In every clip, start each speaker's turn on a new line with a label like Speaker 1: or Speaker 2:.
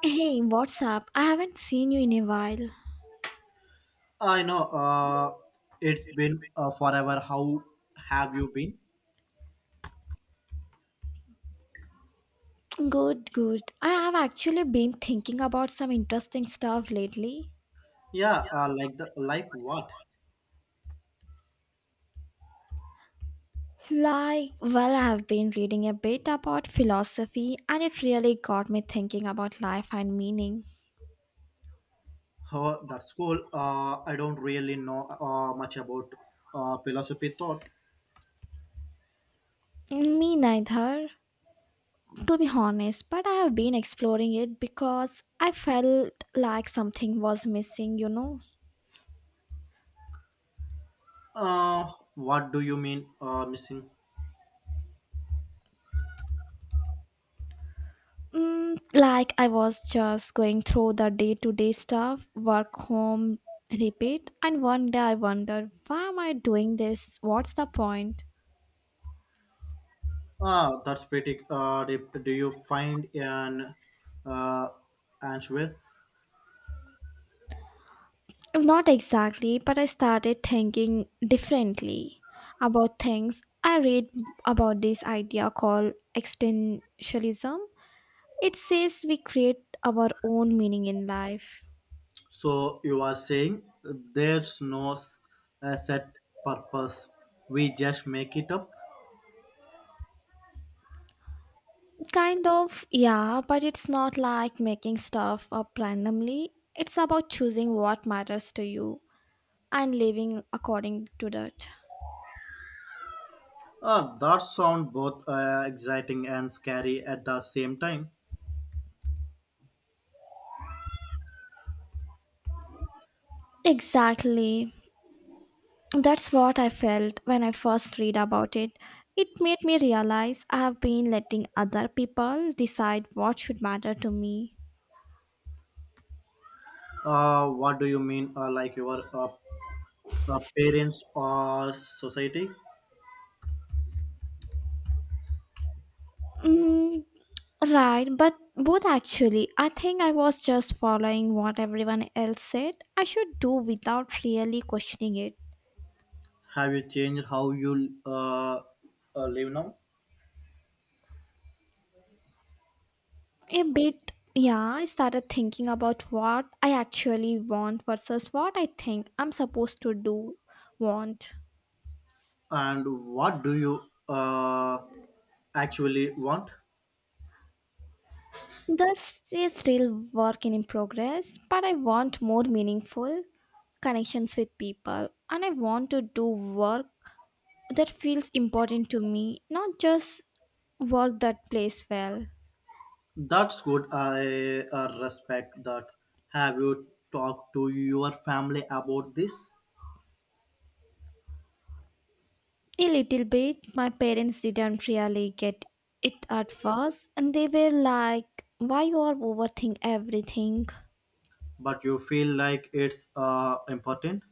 Speaker 1: Hey, what's up? I haven't seen you in a while.
Speaker 2: I know, it's been forever. How have you been?
Speaker 1: Good, good. I have actually been thinking about some interesting stuff lately.
Speaker 2: Yeah, like the what?
Speaker 1: Like, well, I have been reading a bit about philosophy and it really got me thinking about life and meaning.
Speaker 2: How that school? I don't really know much about philosophy thought.
Speaker 1: Me neither, to be honest, but I have been exploring it because I felt like something was missing, you know?
Speaker 2: What do you mean missing?
Speaker 1: Mm, like I was just going through the day to day stuff, work, home, repeat, and one day I wondered, why am I doing this? What's the point?
Speaker 2: Ah, that's pretty deep. Do you find an uh, answer?
Speaker 1: Not exactly, but I started thinking differently about things. I read about this idea called existentialism. It says we create our own meaning in life.
Speaker 2: So you are saying there's no s- set purpose. We just make it up.
Speaker 1: Kind of, yeah, but it's not like making stuff up randomly. It's about choosing what matters to you and living according to that.
Speaker 2: That sound both exciting and scary at the same time.
Speaker 1: Exactly. That's what I felt when I first read about it. It made me realize I have been letting other people decide what should matter to me.
Speaker 2: What do you mean, like your parents or society?
Speaker 1: Mm, right, but both actually. I think I was just following what everyone else said I should do without really questioning it.
Speaker 2: Have you changed how you live now?
Speaker 1: A bit, yeah. I started thinking about what I actually want versus what I think I'm supposed to do want.
Speaker 2: And what do you uh, actually want?
Speaker 1: That's is still work in progress, but I want more meaningful connections with people and I want to do work that feels important to me, not just work that plays well.
Speaker 2: That's good. I respect that. Have you talked to your family about this?
Speaker 1: A little bit, my parents didn't really get it at first, and they were like, why you are overthink everything?
Speaker 2: But you feel like it's important?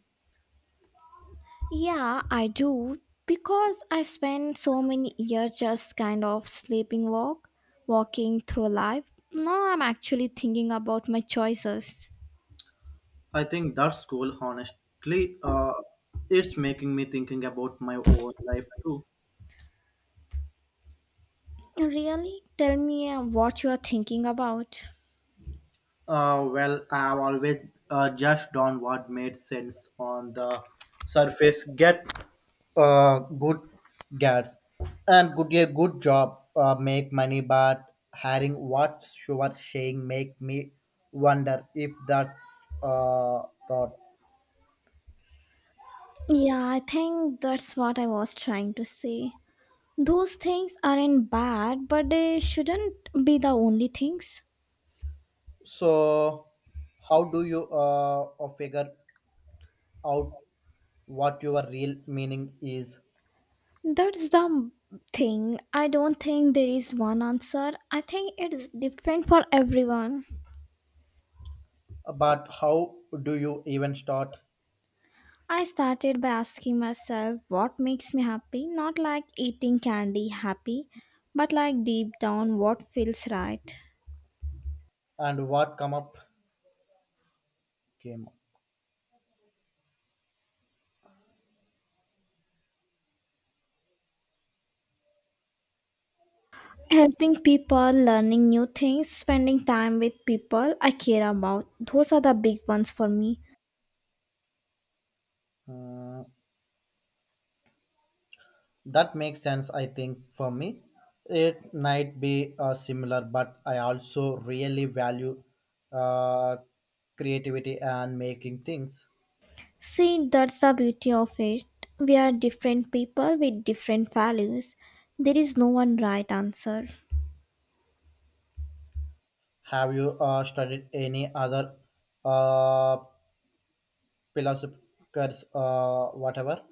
Speaker 1: Yeah, I do because I spent so many years just kind of sleeping walk, walking through life. Now I'm actually thinking about my choices.
Speaker 2: I think that's cool. Honestly, it's making me thinking about my own life too.
Speaker 1: Really? Tell me what you are thinking about.
Speaker 2: Well, I've always just done what made sense on the surface. Get good gas and good a good job. Make money, but hearing what you are saying make me wonder if that's thought.
Speaker 1: Yeah, I think that's what I was trying to say. Those things aren't bad, but they shouldn't be the only things.
Speaker 2: So, how do you figure out what your real meaning is?
Speaker 1: That's the thing. I don't think there is one answer. I think it is different for everyone.
Speaker 2: But how do you even start?
Speaker 1: I started by asking myself what makes me happy, not like eating candy happy, but like deep down what feels right.
Speaker 2: And what come up came up.
Speaker 1: Helping people, learning new things, spending time with people I care about, those are the big ones for me.
Speaker 2: Uh, that makes sense. I think for me it might be similar, but I also really value uh, creativity and making things.
Speaker 1: See, that's the beauty of it. We are different people with different values. There is no one right answer.
Speaker 2: Have you studied any other uh, philosophers, whatever?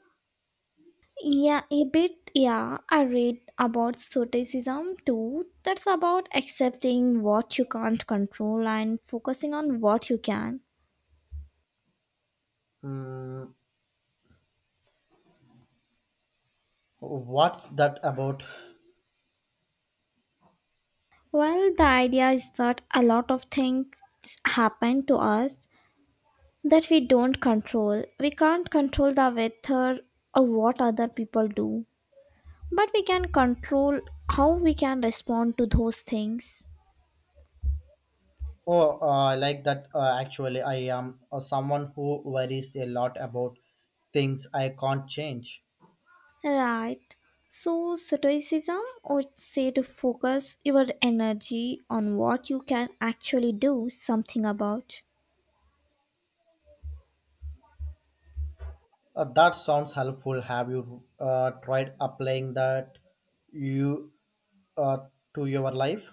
Speaker 1: Yeah, a bit. Yeah, I read about stoicism too. That's about accepting what you can't control and focusing on what you can.
Speaker 2: Hmm, what's that about?
Speaker 1: Well, the idea is that a lot of things happen to us that we don't control. We can't control the weather or what other people do, but we can control how we can respond to those things.
Speaker 2: Oh, I like that. Actually, I am someone who worries a lot about things I can't change.
Speaker 1: Right. So, stoicism would say to focus your energy on what you can actually do something about.
Speaker 2: That sounds helpful. Have you tried applying that you uh, to your life?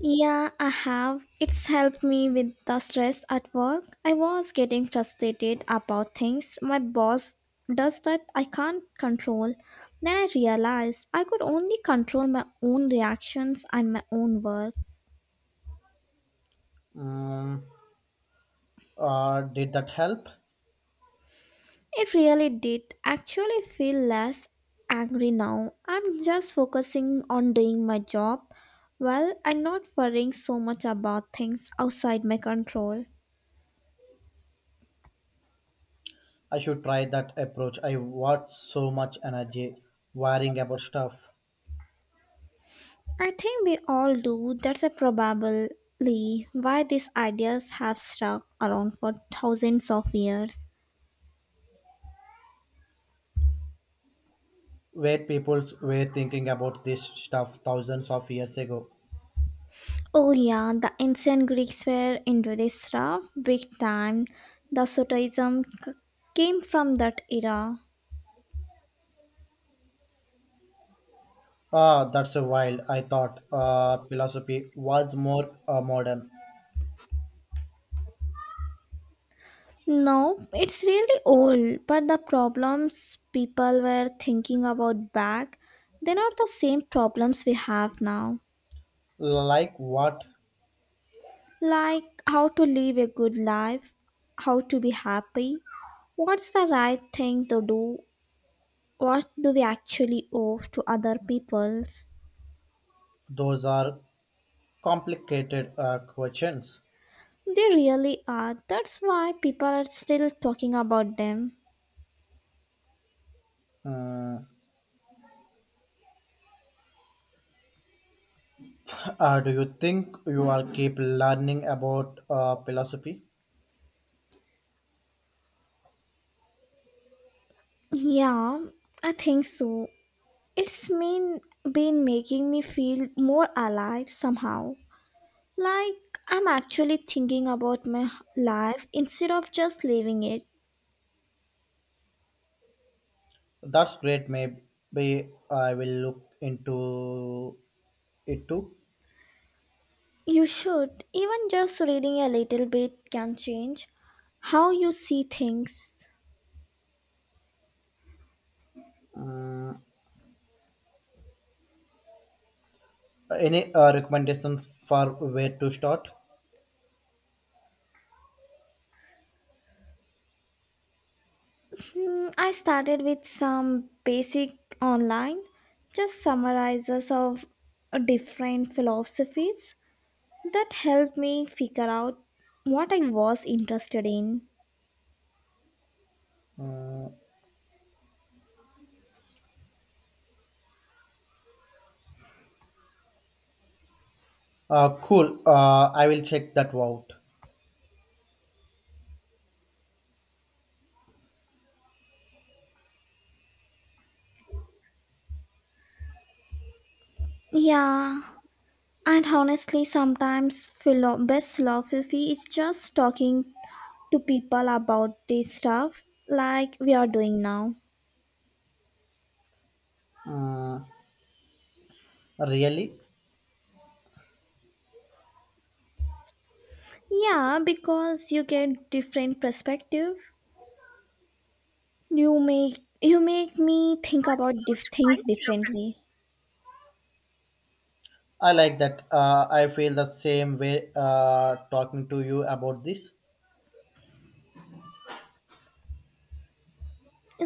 Speaker 1: Yeah, I have. It's helped me with the stress at work. I was getting frustrated about things my boss does that I can't control. Then I realized I could only control my own reactions and my own work.
Speaker 2: Mm, did that help?
Speaker 1: It really did actually feel less angry now. I'm just focusing on doing my job well and not worrying so much about things outside my control.
Speaker 2: I should try that approach. I watch so much energy worrying about stuff.
Speaker 1: I think we all do. That's a probably why these ideas have stuck around for thousands of years.
Speaker 2: Where people were thinking about this stuff thousands of years ago?
Speaker 1: Oh yeah, the ancient Greeks were into this stuff big time. The came from that era.
Speaker 2: Ah, that's a wild. I thought philosophy was more modern.
Speaker 1: No, it's really old, but the problems people were thinking about back, they're not the same problems we have now.
Speaker 2: Like what?
Speaker 1: Like how to live a good life, how to be happy, what's the right thing to do, what do we actually owe to other peoples.
Speaker 2: Those are complicated questions.
Speaker 1: They really are. That's why people are still talking about them.
Speaker 2: Mm, do you think you will keep learning about philosophy?
Speaker 1: Yeah, I think so. It's mean, been making me feel more alive somehow. Like I'm actually thinking about my life instead of just living it.
Speaker 2: That's great. Maybe I will look into it too.
Speaker 1: You should. Even just reading a little bit can change how you see things.
Speaker 2: Mm, any recommendation for where to start?
Speaker 1: Hmm, I started with some basic online, just summarizes of different philosophies that helped me figure out what I was interested in.
Speaker 2: Mm, cool. I will check that out.
Speaker 1: Yeah, and honestly, sometimes best philosophy is just talking to people about this stuff like we are doing now.
Speaker 2: Mm, really?
Speaker 1: Yeah, because you get different perspective. You make me think about things differently.
Speaker 2: I like that. I feel the same way talking to you about this.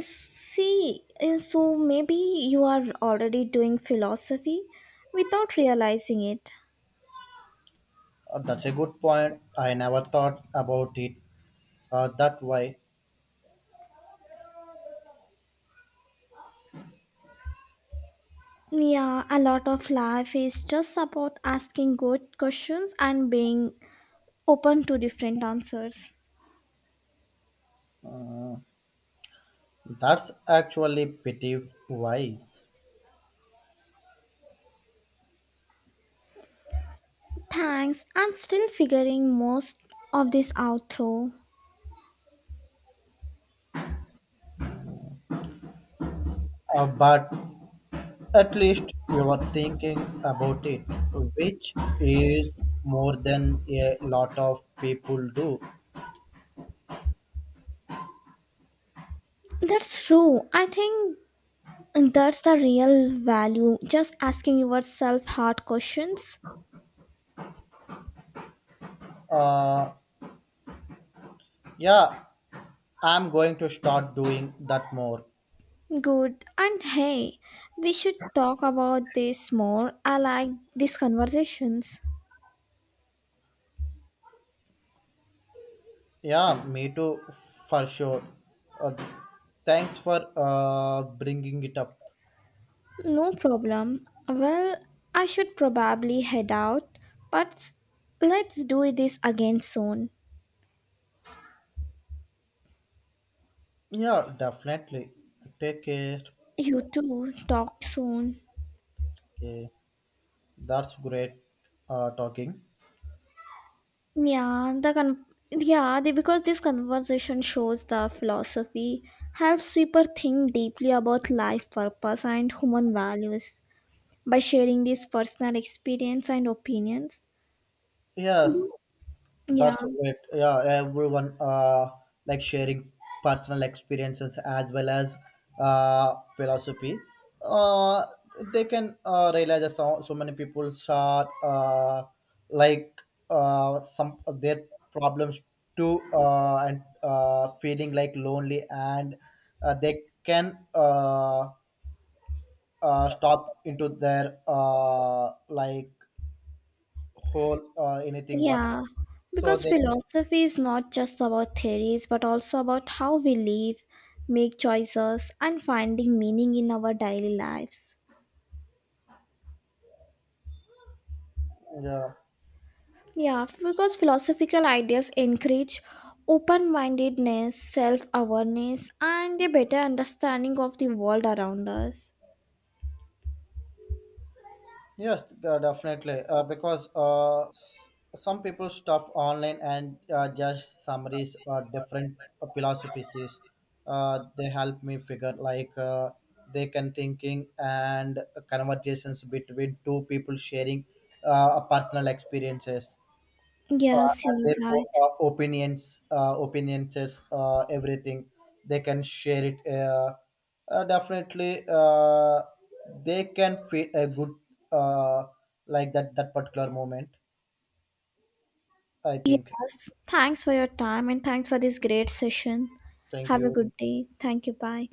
Speaker 1: See, so maybe you are already doing philosophy without realizing it.
Speaker 2: That's a good point. I never thought about it that way.
Speaker 1: Yeah, a lot of life is just about asking good questions and being open to different answers.
Speaker 2: That's actually pretty wise.
Speaker 1: Thanks, I'm still figuring most of this out though.
Speaker 2: But at least you are thinking about it, which is more than a lot of people do.
Speaker 1: That's true. I think that's the real value, just asking yourself hard questions.
Speaker 2: Uh, yeah, I'm going to start doing that more.
Speaker 1: Good. And hey, we should talk about this more. I like these conversations.
Speaker 2: Yeah, me too, for sure. Uh, Thanks for bringing it up.
Speaker 1: No problem. Well, I should probably head out, but let's do this again soon.
Speaker 2: Yeah, definitely. Take care.
Speaker 1: You too. Talk soon.
Speaker 2: Okay, that's great talking.
Speaker 1: Yeah, the con- yeah, because this conversation shows the philosophy helps people think deeply about life purpose and human values by sharing these personal experience and opinions.
Speaker 2: Yes.
Speaker 1: Mhm. Yeah,
Speaker 2: That's great. Yeah, everyone like sharing personal experiences as well as philosophy. Uh, they can realize that so many people are like some of their problems too, and feeling like lonely, and they can stop into their like whole, anything
Speaker 1: yeah,
Speaker 2: whatever. So
Speaker 1: because
Speaker 2: they can,
Speaker 1: philosophy is not just about theories but also about how we live, make choices, and finding meaning in our daily lives.
Speaker 2: yeah.
Speaker 1: Yeah, because philosophical ideas encourage open mindedness, self awareness, and a better understanding of the world around us.
Speaker 2: Yes, definitely. Because some people stuff online, and just summaries or different philosophies. They help me figure like they can thinking and conversations between two people sharing personal experiences
Speaker 1: Yes,
Speaker 2: and
Speaker 1: you're
Speaker 2: their
Speaker 1: right.
Speaker 2: opinions, everything. They can share it. Definitely, they can feel a good, uh, like that particular moment, I think.
Speaker 1: Yes, thanks for your time and thanks for this great session.
Speaker 2: Thank
Speaker 1: Have a
Speaker 2: you.
Speaker 1: good day. Thank you. Bye.